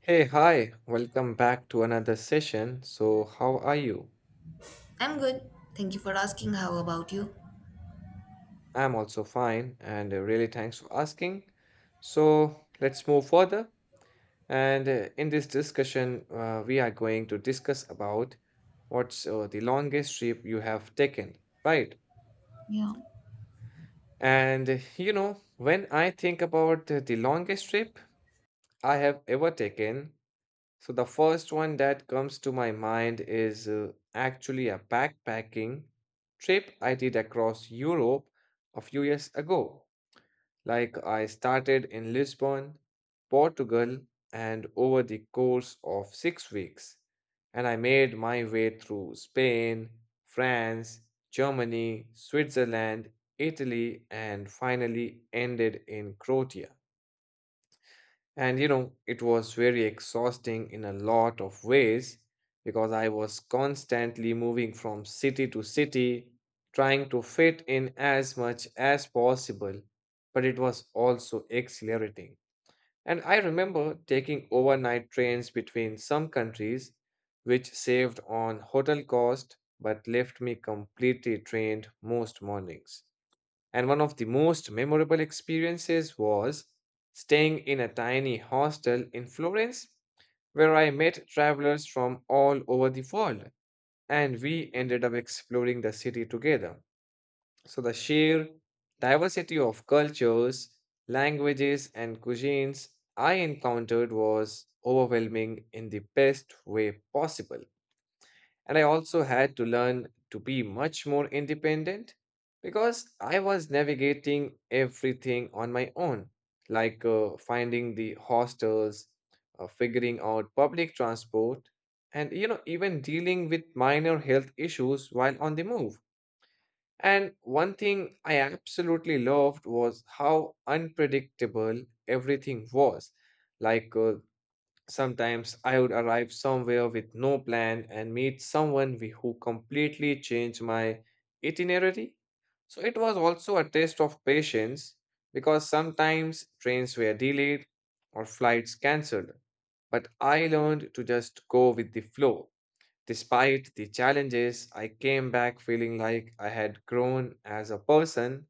Hey, hi, welcome back to another session. So, how are you? I'm good. Thank you for asking. How about you? I'm also fine, and really thanks for asking. So, let's move further. And in this discussion, we are going to discuss about what's the longest trip you have taken, right? And when I think about the longest trip I have ever taken, so the first one that comes to my mind is actually a backpacking trip I did across Europe a few years ago. Like I started in Lisbon, Portugal, and over the course of 6 weeks. And I made my way through Spain, France, Germany, Switzerland, Italy, and finally ended in Croatia. It was very exhausting in a lot of ways because I was constantly moving from city to city, trying to fit in as much as possible. But it was also exhilarating. And I remember taking overnight trains between some countries, which saved on hotel cost but left me completely drained most mornings. And one of the most memorable experiences was staying in a tiny hostel in Florence where I met travelers from all over the world and we ended up exploring the city together. So the sheer diversity of cultures, languages, and cuisines I encountered was overwhelming in the best way possible. And I also had to learn to be much more independent because I was navigating everything on my own, like finding the hostels, figuring out public transport, and even dealing with minor health issues while on the move. And one thing I absolutely loved was how unpredictable everything was. Like uh, Sometimes I would arrive somewhere with no plan and meet who completely changed my itinerary. So it was also a test of patience because sometimes trains were delayed or flights cancelled. But I learned to just go with the flow. Despite the challenges, I came back feeling like I had grown as a person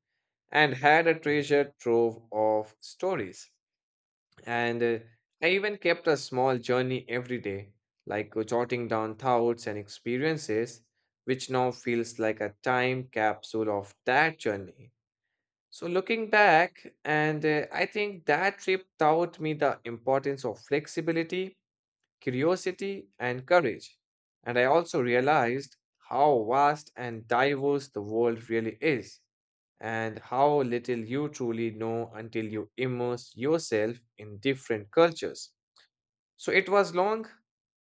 and had a treasure trove of stories. And I even kept a small journey every day, like jotting down thoughts and experiences, which now feels like a time capsule of that journey. So, looking back, and I think that trip taught me the importance of flexibility, curiosity, and courage. And I also realized how vast and diverse the world really is, and how little you truly know until you immerse yourself in different cultures. So it was long,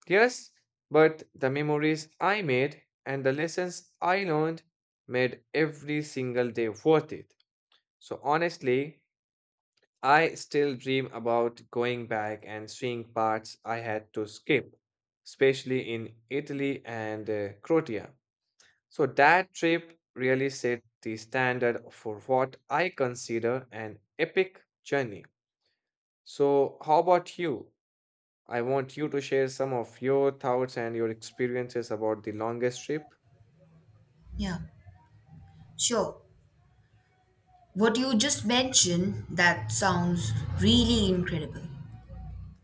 yes, but the memories I made and the lessons I learned made every single day worth it. So honestly, I still dream about going back and seeing parts I had to skip, especially in Italy and Croatia. So that trip really set the standard for what I consider an epic journey. So, how about you? I want you to share some of your thoughts and your experiences about the longest trip. Yeah, sure. What you just mentioned, that sounds really incredible.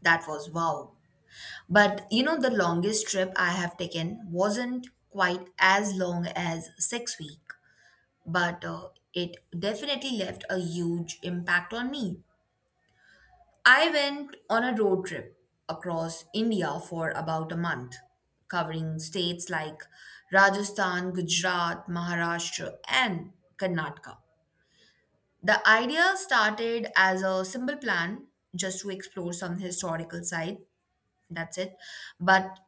That was wow. But you know, the longest trip I have taken wasn't quite as long as 6 week, but it definitely left a huge impact on me. I went on a road trip across India for about a month, covering states like Rajasthan, Gujarat, Maharashtra, and Karnataka. The idea started as a simple plan just to explore some historical sites, that's it. But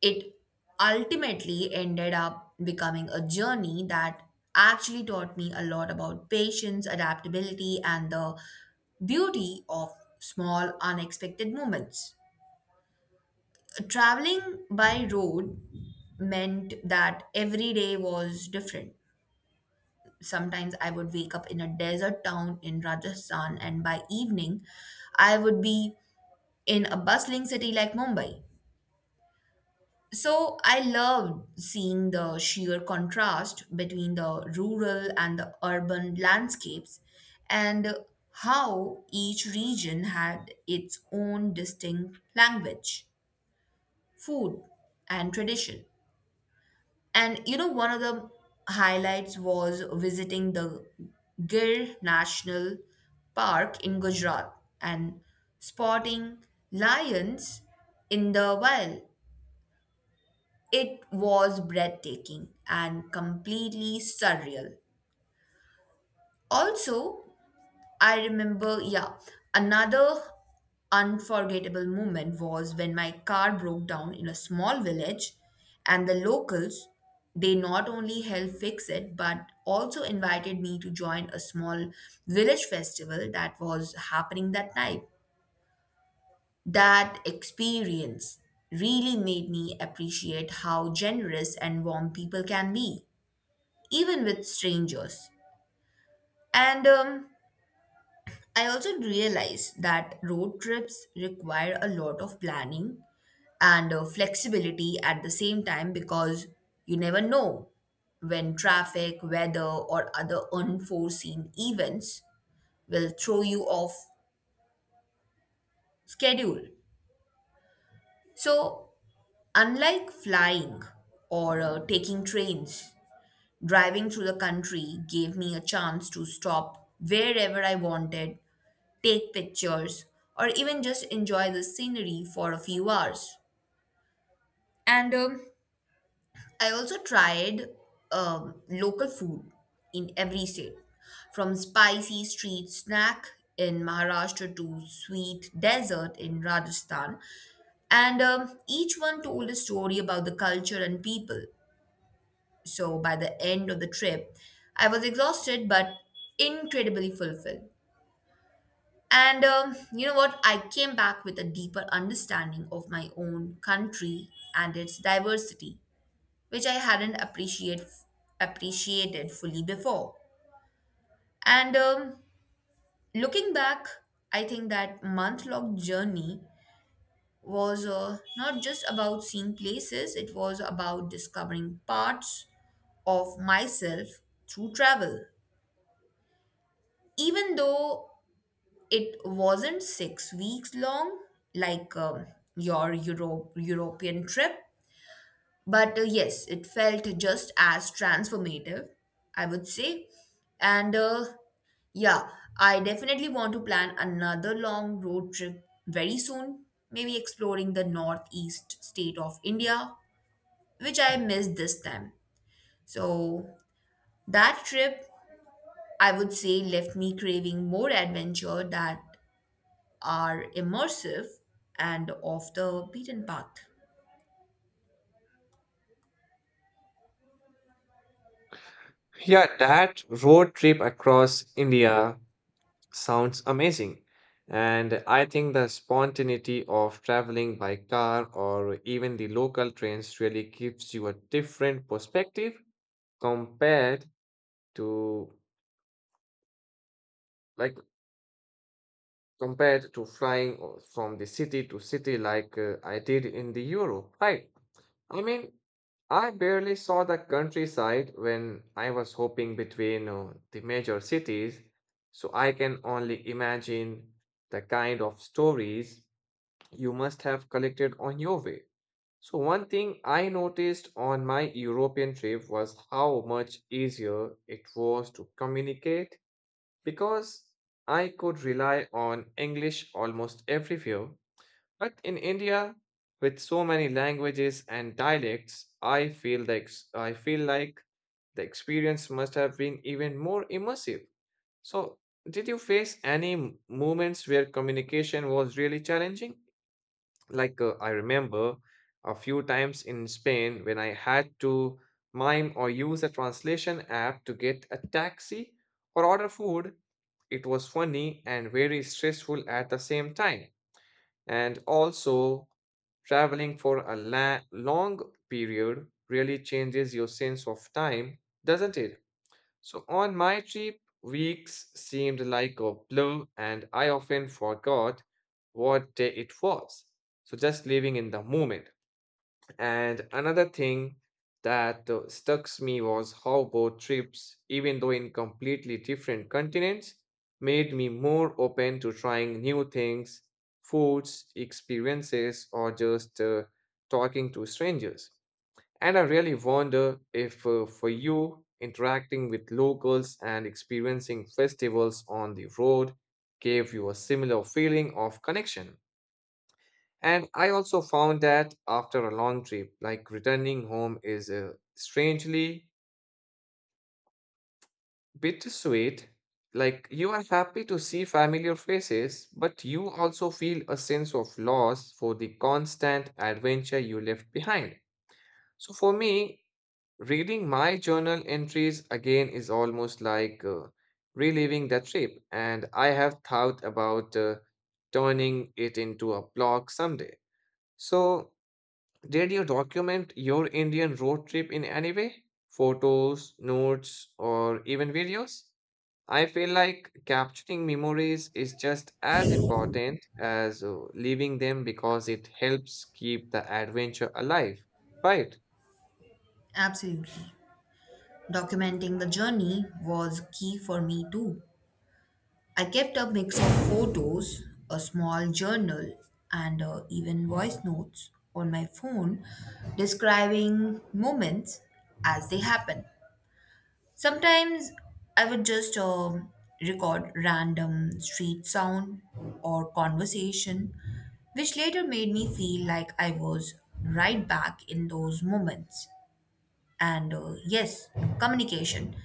it ultimately ended up becoming a journey that actually taught me a lot about patience, adaptability, and the beauty of small, unexpected moments. Traveling by road meant that every day was different. Sometimes I would wake up in a desert town in Rajasthan, and by evening, I would be in a bustling city like Mumbai. So I loved seeing the sheer contrast between the rural and the urban landscapes and how each region had its own distinct language, food, and tradition. And you know, one of the highlights was visiting the Gir National Park in Gujarat and spotting lions in the wild. It was breathtaking and completely surreal. Also, I remember, yeah, another unforgettable moment was when my car broke down in a small village and the locals, they not only helped fix it but also invited me to join a small village festival that was happening that night. That experience really made me appreciate how generous and warm people can be, even with strangers. And I also realized that road trips require a lot of planning and flexibility at the same time because you never know when traffic, weather, or other unforeseen events will throw you off schedule. So, unlike flying or taking trains, driving through the country gave me a chance to stop wherever I wanted, take pictures, or even just enjoy the scenery for a few hours. And I also tried local food in every state, from spicy street snack in Maharashtra to sweet dessert in Rajasthan. And Each one told a story about the culture and people. So by the end of the trip, I was exhausted but incredibly fulfilled. And You know what? I came back with a deeper understanding of my own country and its diversity, which I hadn't appreciated fully before. And Looking back, I think that month long journey was not just about seeing places, it was about discovering parts of myself through travel. Even though it wasn't 6 weeks long like your European trip, but yes, it felt just as transformative, I would say. And uh, yeah, I definitely want to plan another long road trip very soon, maybe exploring the northeast state of India, which I missed this time. So that trip, I would say, left me craving more adventure that are immersive and off the beaten path. Yeah, that road trip across India sounds amazing. And I think the spontaneity of traveling by car or even the local trains really gives you a different perspective compared to like compared to flying from the city to city like I did in the Europe, right? I mean, I barely saw the countryside when I was hopping between the major cities, so I can only imagine the kind of stories you must have collected on your way. So, one thing I noticed on my European trip was how much easier it was to communicate because I could rely on English almost everywhere. But in India, with so many languages and dialects, I feel like the experience must have been even more immersive. So, did you face any moments where communication was really challenging? Like I remember a few times in Spain when I had to mime or use a translation app to get a taxi or order food. It was funny and very stressful at the same time. And also, traveling for a long period really changes your sense of time, doesn't it? So on my trip, weeks seemed like a blur, and I often forgot what day it was. So just living in the moment. And another thing that stuck me was how boat trips, even though in completely different continents, made me more open to trying new things, foods, experiences, or just talking to strangers. And I really wonder if, for you, interacting with locals and experiencing festivals on the road gave you a similar feeling of connection. And I also found that after a long trip, like returning home is strangely bittersweet. Like you are happy to see familiar faces, but you also feel a sense of loss for the constant adventure you left behind. So for me, reading my journal entries again is almost like reliving that trip, and I have thought about turning it into a blog someday. So, did you document your Indian road trip in any way? Photos, notes, or even videos? I feel like capturing memories is just as important as leaving them because it helps keep the adventure alive, right? Absolutely. Documenting the journey was key for me too. I kept a mix of photos, a small journal, and even voice notes on my phone describing moments as they happen. Sometimes I would just record random street sound or conversation, which later made me feel like I was right back in those moments. And Yes, communication.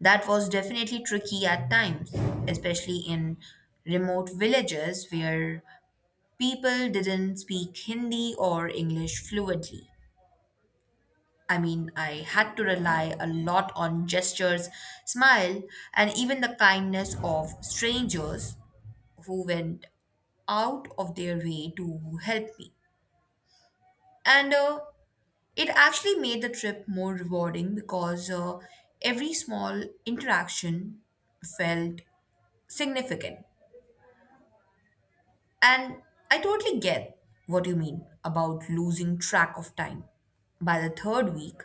That was definitely tricky at times, especially in remote villages where people didn't speak Hindi or English fluently. I mean, I had to rely a lot on gestures, smile, and even the kindness of strangers who went out of their way to help me. And It actually made the trip more rewarding because every small interaction felt significant. And I totally get what you mean about losing track of time. By the third week,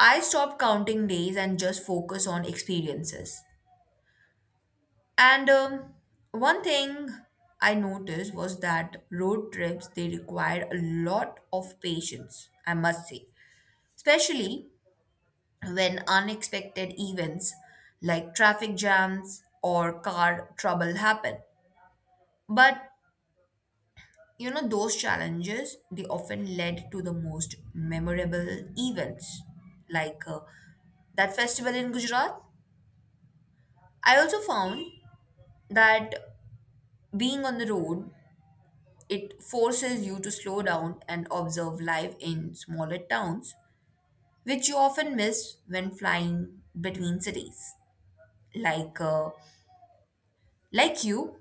I stopped counting days and just focus on experiences. And One thing I noticed was that road trips, they required a lot of patience, I must say, especially when unexpected events like traffic jams or car trouble happen. But you know, those challenges they often led to the most memorable events like that festival in Gujarat. I also found that being on the road, it forces you to slow down and observe life in smaller towns which you often miss when flying between cities, like uh, like you.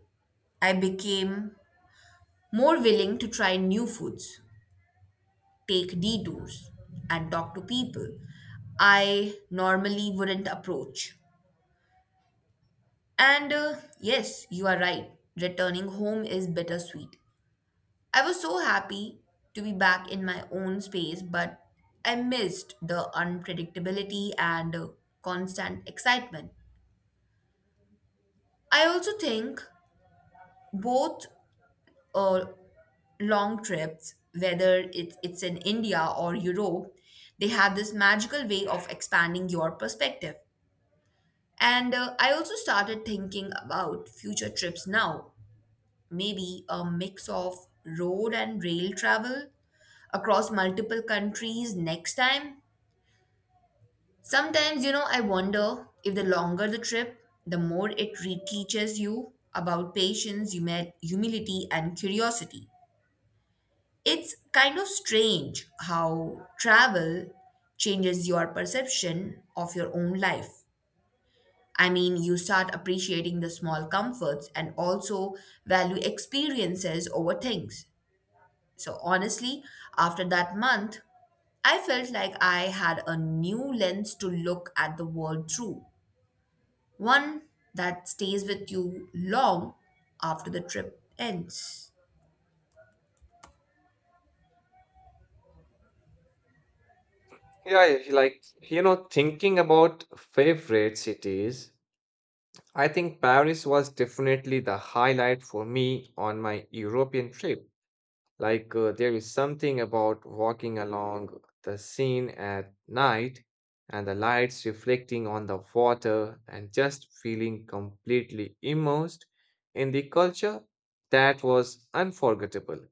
I became more willing to try new foods, take detours, and talk to people I normally wouldn't approach. And Yes, you are right, returning home is bittersweet. I was so happy to be back in my own space, but I missed the unpredictability and constant excitement. I also think both uh, long trips, whether it's in India or Europe, they have this magical way of expanding your perspective. And I also started thinking about future trips now, maybe a mix of road and rail travel across multiple countries next time. Sometimes, you know, I wonder if the longer the trip, the more it reteaches you about patience, humility, and curiosity. It's kind of strange how travel changes your perception of your own life. I mean, you start appreciating the small comforts and also value experiences over things. So, honestly, after that month, I felt like I had a new lens to look at the world through. One that stays with you long after the trip ends. Yeah, yeah, thinking about favorite cities, I think Paris was definitely the highlight for me on my European trip. Like, there is something about walking along the Seine at night and the lights reflecting on the water and just feeling completely immersed in the culture that was unforgettable.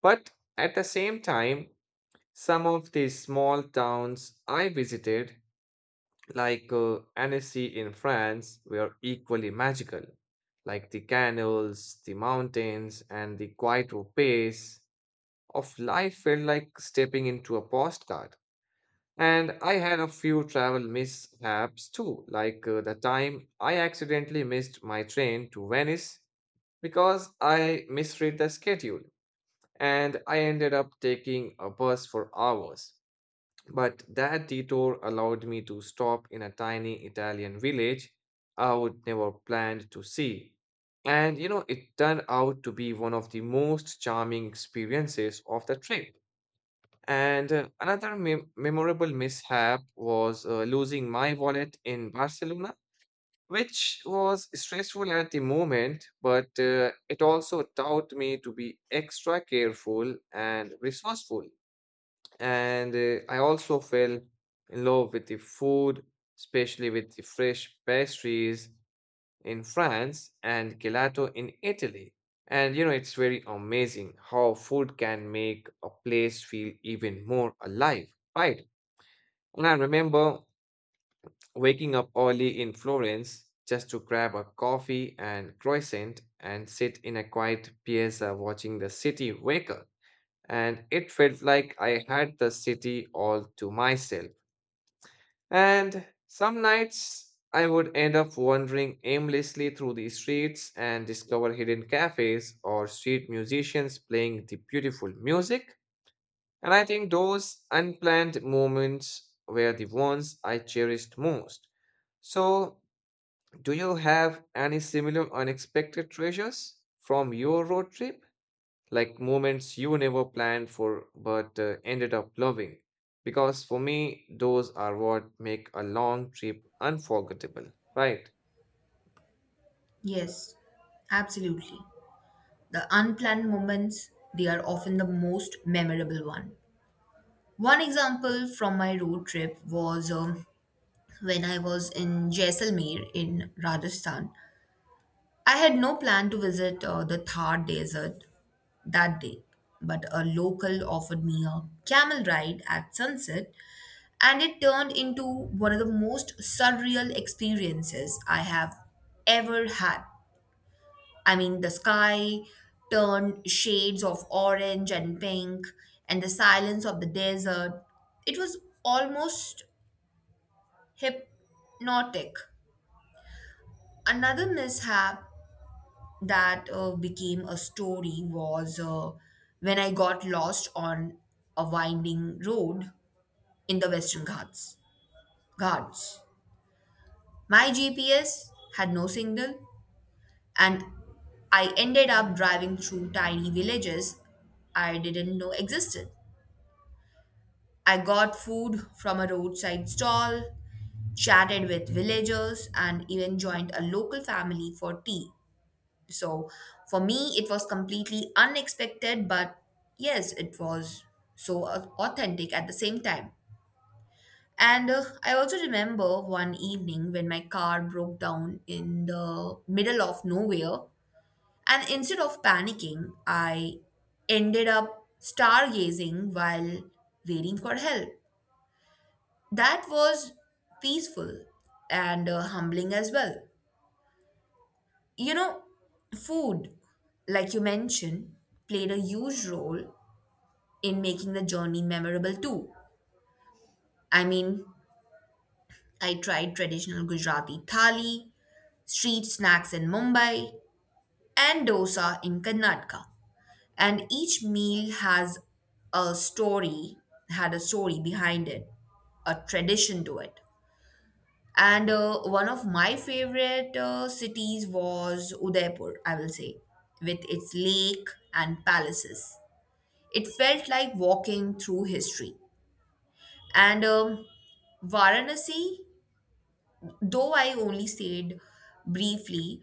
But at the same time, some of the small towns I visited like Annecy in France, were equally magical, like the canals, the mountains, and the quiet pace of life felt like stepping into a postcard. And I had a few travel mishaps too, like the time I accidentally missed my train to Venice because I misread the schedule, and I ended up taking a bus for hours. But that detour allowed me to stop in a tiny Italian village I would never planned to see. It turned out to be one of the most charming experiences of the trip. And another memorable mishap was losing my wallet in Barcelona, which was stressful at the moment, but it also taught me to be extra careful and resourceful. And I also fell in love with the food, especially with the fresh pastries in France and gelato in Italy. It's very amazing how food can make a place feel even more alive, right? And I remember waking up early in Florence just to grab a coffee and croissant and sit in a quiet piazza watching the city wake up and it felt like I had the city all to myself. And some nights I would end up wandering aimlessly through the streets and discover hidden cafes or street musicians playing the beautiful music. And I think those unplanned moments were the ones I cherished most. So, do you have any similar unexpected treasures from your road trip? Like moments you never planned for but ended up loving. Because for me, those are what make a long trip unforgettable, right? Yes, absolutely. The unplanned moments, they are often the most memorable one. One example from my road trip was when I was in Jaisalmer in Rajasthan. I had no plan to visit the Thar desert that day, but a local offered me a camel ride at sunset and it turned into one of the most surreal experiences I have ever had. I mean, the sky turned shades of orange and pink, and the silence of the desert. It was almost hypnotic. Another mishap that became a story was when I got lost on a winding road in the Western Ghats. My GPS had no signal, and I ended up driving through tiny villages I didn't know existed. I got food from a roadside stall, chatted with villagers, and even joined a local family for tea. So, for me, it was completely unexpected, but yes, it was so authentic at the same time. And I also remember one evening when my car broke down in the middle of nowhere. And instead of panicking, I ended up stargazing while waiting for help. That was peaceful and humbling as well. You know, food, like you mentioned, played a huge role in making the journey memorable too. I mean, I tried traditional Gujarati thali, street snacks in Mumbai, and dosa in Karnataka. And each meal has a story had a story behind it, a tradition to it. And one of my favorite cities was Udaipur, I will say. With its lake and palaces, it felt like walking through history. And Varanasi, though I only stayed briefly,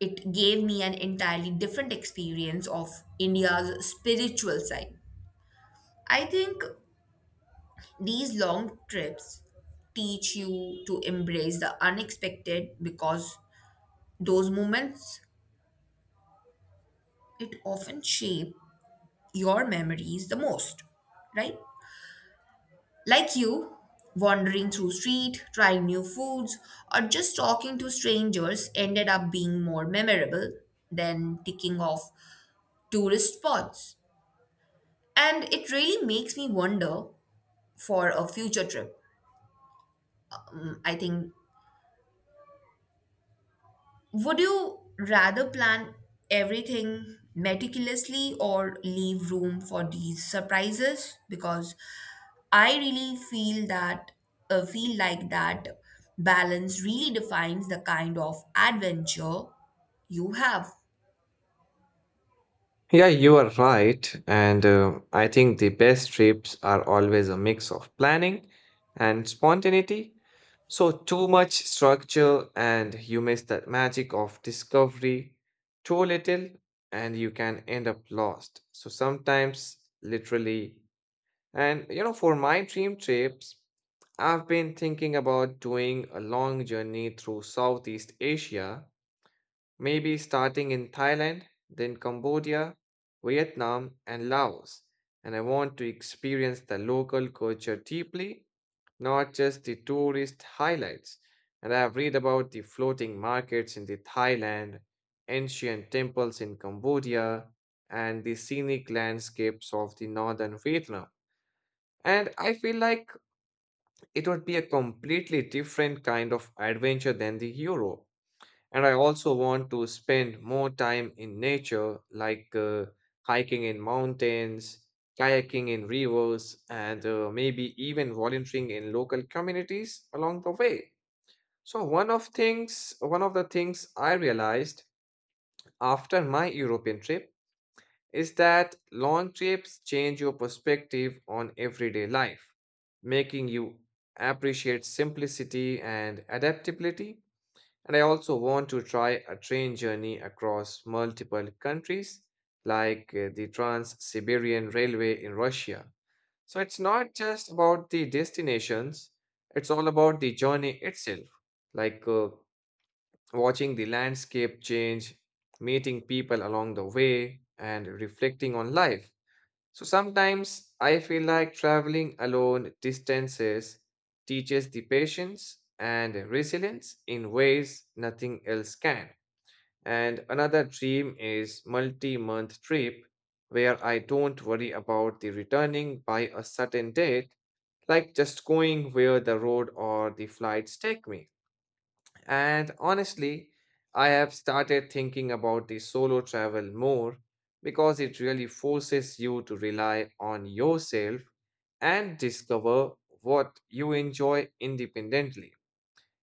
it gave me an entirely different experience of India's spiritual side. I think these long trips teach you to embrace the unexpected because those moments, it often shape your memories the most, right? Like you, wandering through street, trying new foods or just talking to strangers ended up being more memorable than ticking off tourist spots. And it really makes me wonder for a future trip. I think, would you rather plan everything meticulously or leave room for these surprises? Because I really feel that feel like that balance really defines the kind of adventure you have. Yeah, you are right. And I think the best trips are always a mix of planning and spontaneity. So, too much structure, and you miss that magic of discovery. Too little, and you can end up lost. So, sometimes literally. For my dream trips, I've been thinking about doing a long journey through Southeast Asia, maybe starting in Thailand, then Cambodia, Vietnam, and Laos. And I want to experience the local culture deeply, not just the tourist highlights. And I have read about the floating markets in the Thailand, ancient temples in Cambodia, and the scenic landscapes of the northern Vietnam. And I feel like it would be a completely different kind of adventure than the Europe. And I also want to spend more time in nature, like hiking in mountains, kayaking in rivers, and maybe even volunteering in local communities along the way. So one of the things I realized after my European trip is that long trips change your perspective on everyday life, making you appreciate simplicity and adaptability. And I also want to try a train journey across multiple countries, like the Trans Siberian Railway in Russia. So it's not just about the destinations, it's all about the journey itself, like watching the landscape change, meeting people along the way, and reflecting on life. So sometimes I feel like traveling alone distances teaches the patience and resilience in ways nothing else can. And another dream is multi-month trip where I don't worry about the returning by a certain date, like just going where the road or the flights take me. And honestly, I have started thinking about the solo travel more because it really forces you to rely on yourself and discover what you enjoy independently.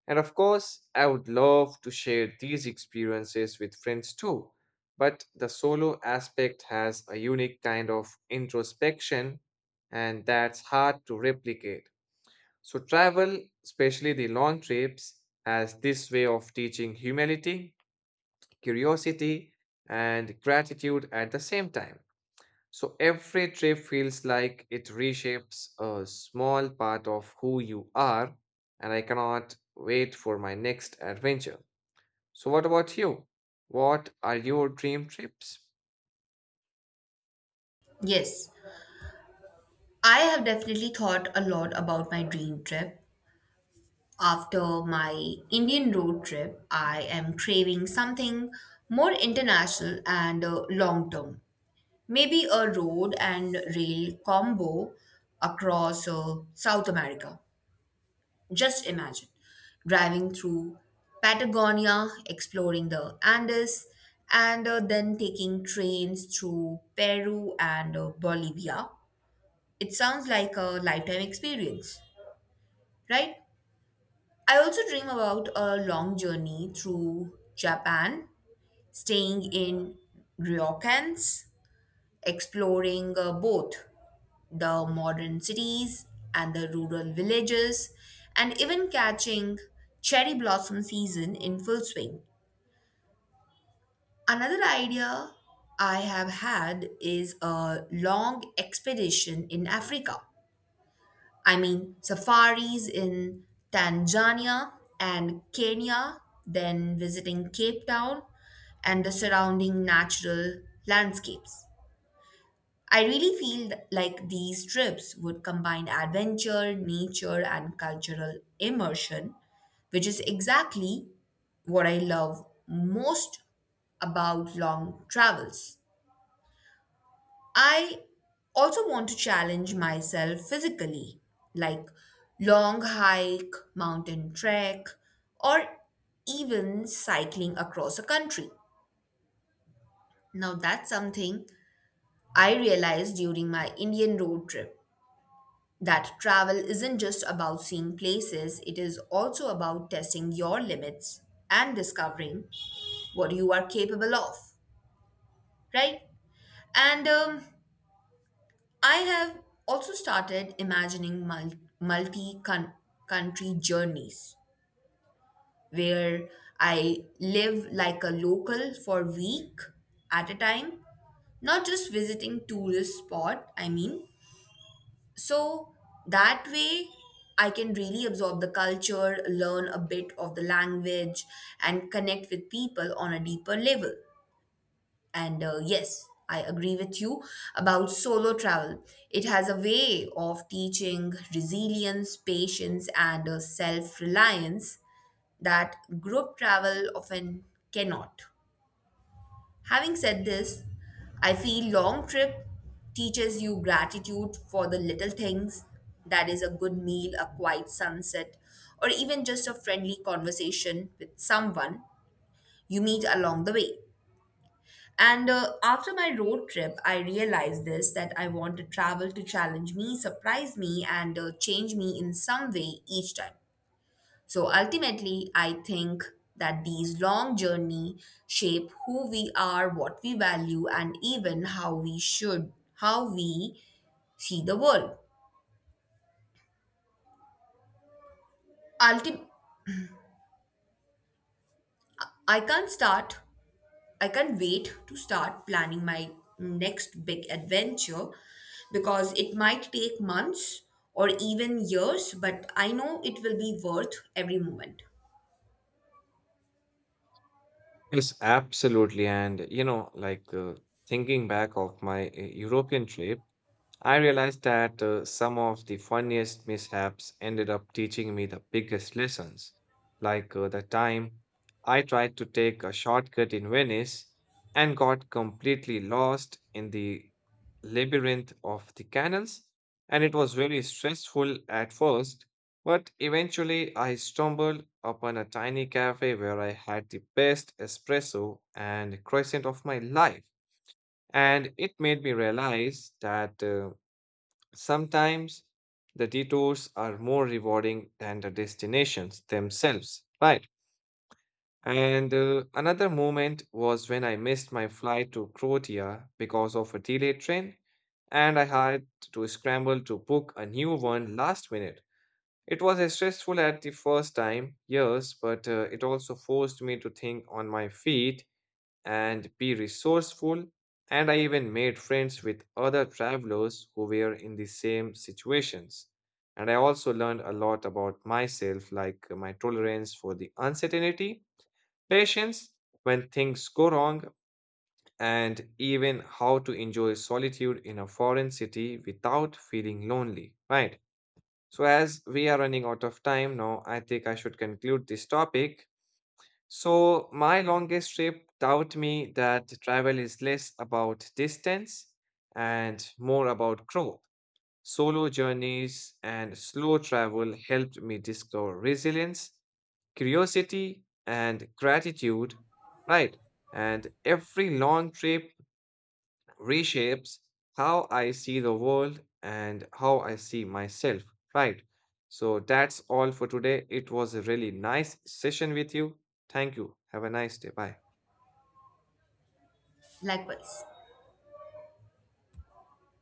And of course, I would love to share these experiences with friends too. But the solo aspect has a unique kind of introspection, and that's hard to replicate. So, travel, especially the long trips, has this way of teaching humility, curiosity, and gratitude at the same time. So, every trip feels like it reshapes a small part of who you are, and I cannot wait for my next adventure. So, what about you? What are your dream trips? Yes, I have definitely thought a lot about my dream trip. After my Indian road trip, I am craving something more international and long term. Maybe a road and rail combo across South America. Just imagine driving through Patagonia, exploring the Andes, and then taking trains through Peru and Bolivia. It sounds like a lifetime experience, right? I also dream about a long journey through Japan, staying in ryokans, exploring both the modern cities and the rural villages, and even catching cherry blossom season in full swing. Another idea I have had is a long expedition in Africa. I mean, safaris in Tanzania and Kenya, then visiting Cape Town and the surrounding natural landscapes. I really feel like these trips would combine adventure, nature, and cultural immersion, which is exactly what I love most about long travels. I also want to challenge myself physically, like long hike, mountain trek, or even cycling across a country. Now, that's something I realized during my Indian road trip, that travel isn't just about seeing places, it is also about testing your limits and discovering what you are capable of, right? And I have also started imagining multi country journeys where I live like a local for a week at a time, not just visiting tourist spot, I mean. So that way, I can really absorb the culture, learn a bit of the language, and connect with people on a deeper level. And Yes, I agree with you about solo travel. It has a way of teaching resilience, patience, and self reliance that group travel often cannot. Having said this, I feel long trip teaches you gratitude for the little things, that is a good meal, a quiet sunset, or even just a friendly conversation with someone you meet along the way. And After my road trip, I realized this, that I want to travel to challenge me, surprise me, and change me in some way each time. So ultimately, I think that these long journey shape who we are, what we value, and even how we see the world. Ultim- I can't start, I can't wait to start planning my next big adventure because it might take months or even years, but I know it will be worth every moment. Yes, absolutely. And, thinking back of my European trip, I realized that some of the funniest mishaps ended up teaching me the biggest lessons. Like the time I tried to take a shortcut in Venice and got completely lost in the labyrinth of the canals, and it was really stressful at first. But eventually, I stumbled upon a tiny cafe where I had the best espresso and croissant of my life. And it made me realize that. Sometimes the detours are more rewarding than the destinations themselves, right? And another moment was when I missed my flight to Croatia because of a delayed train, and I had to scramble to book a new one last minute. It was stressful at the first time, yes, but it also forced me to think on my feet and be resourceful. And I even made friends with other travelers who were in the same situations. And I also learned a lot about myself, like my tolerance for the uncertainty, patience when things go wrong, and even how to enjoy solitude in a foreign city without feeling lonely, right? So, as we are running out of time now, I think I should conclude this topic. So, my longest trip taught me that travel is less about distance and more about growth. Solo journeys and slow travel helped me discover resilience, curiosity, and gratitude, right? And every long trip reshapes how I see the world and how I see myself, right? So, that's all for today. It was a really nice session with you. Thank you. Have a nice day. Bye. Likewise.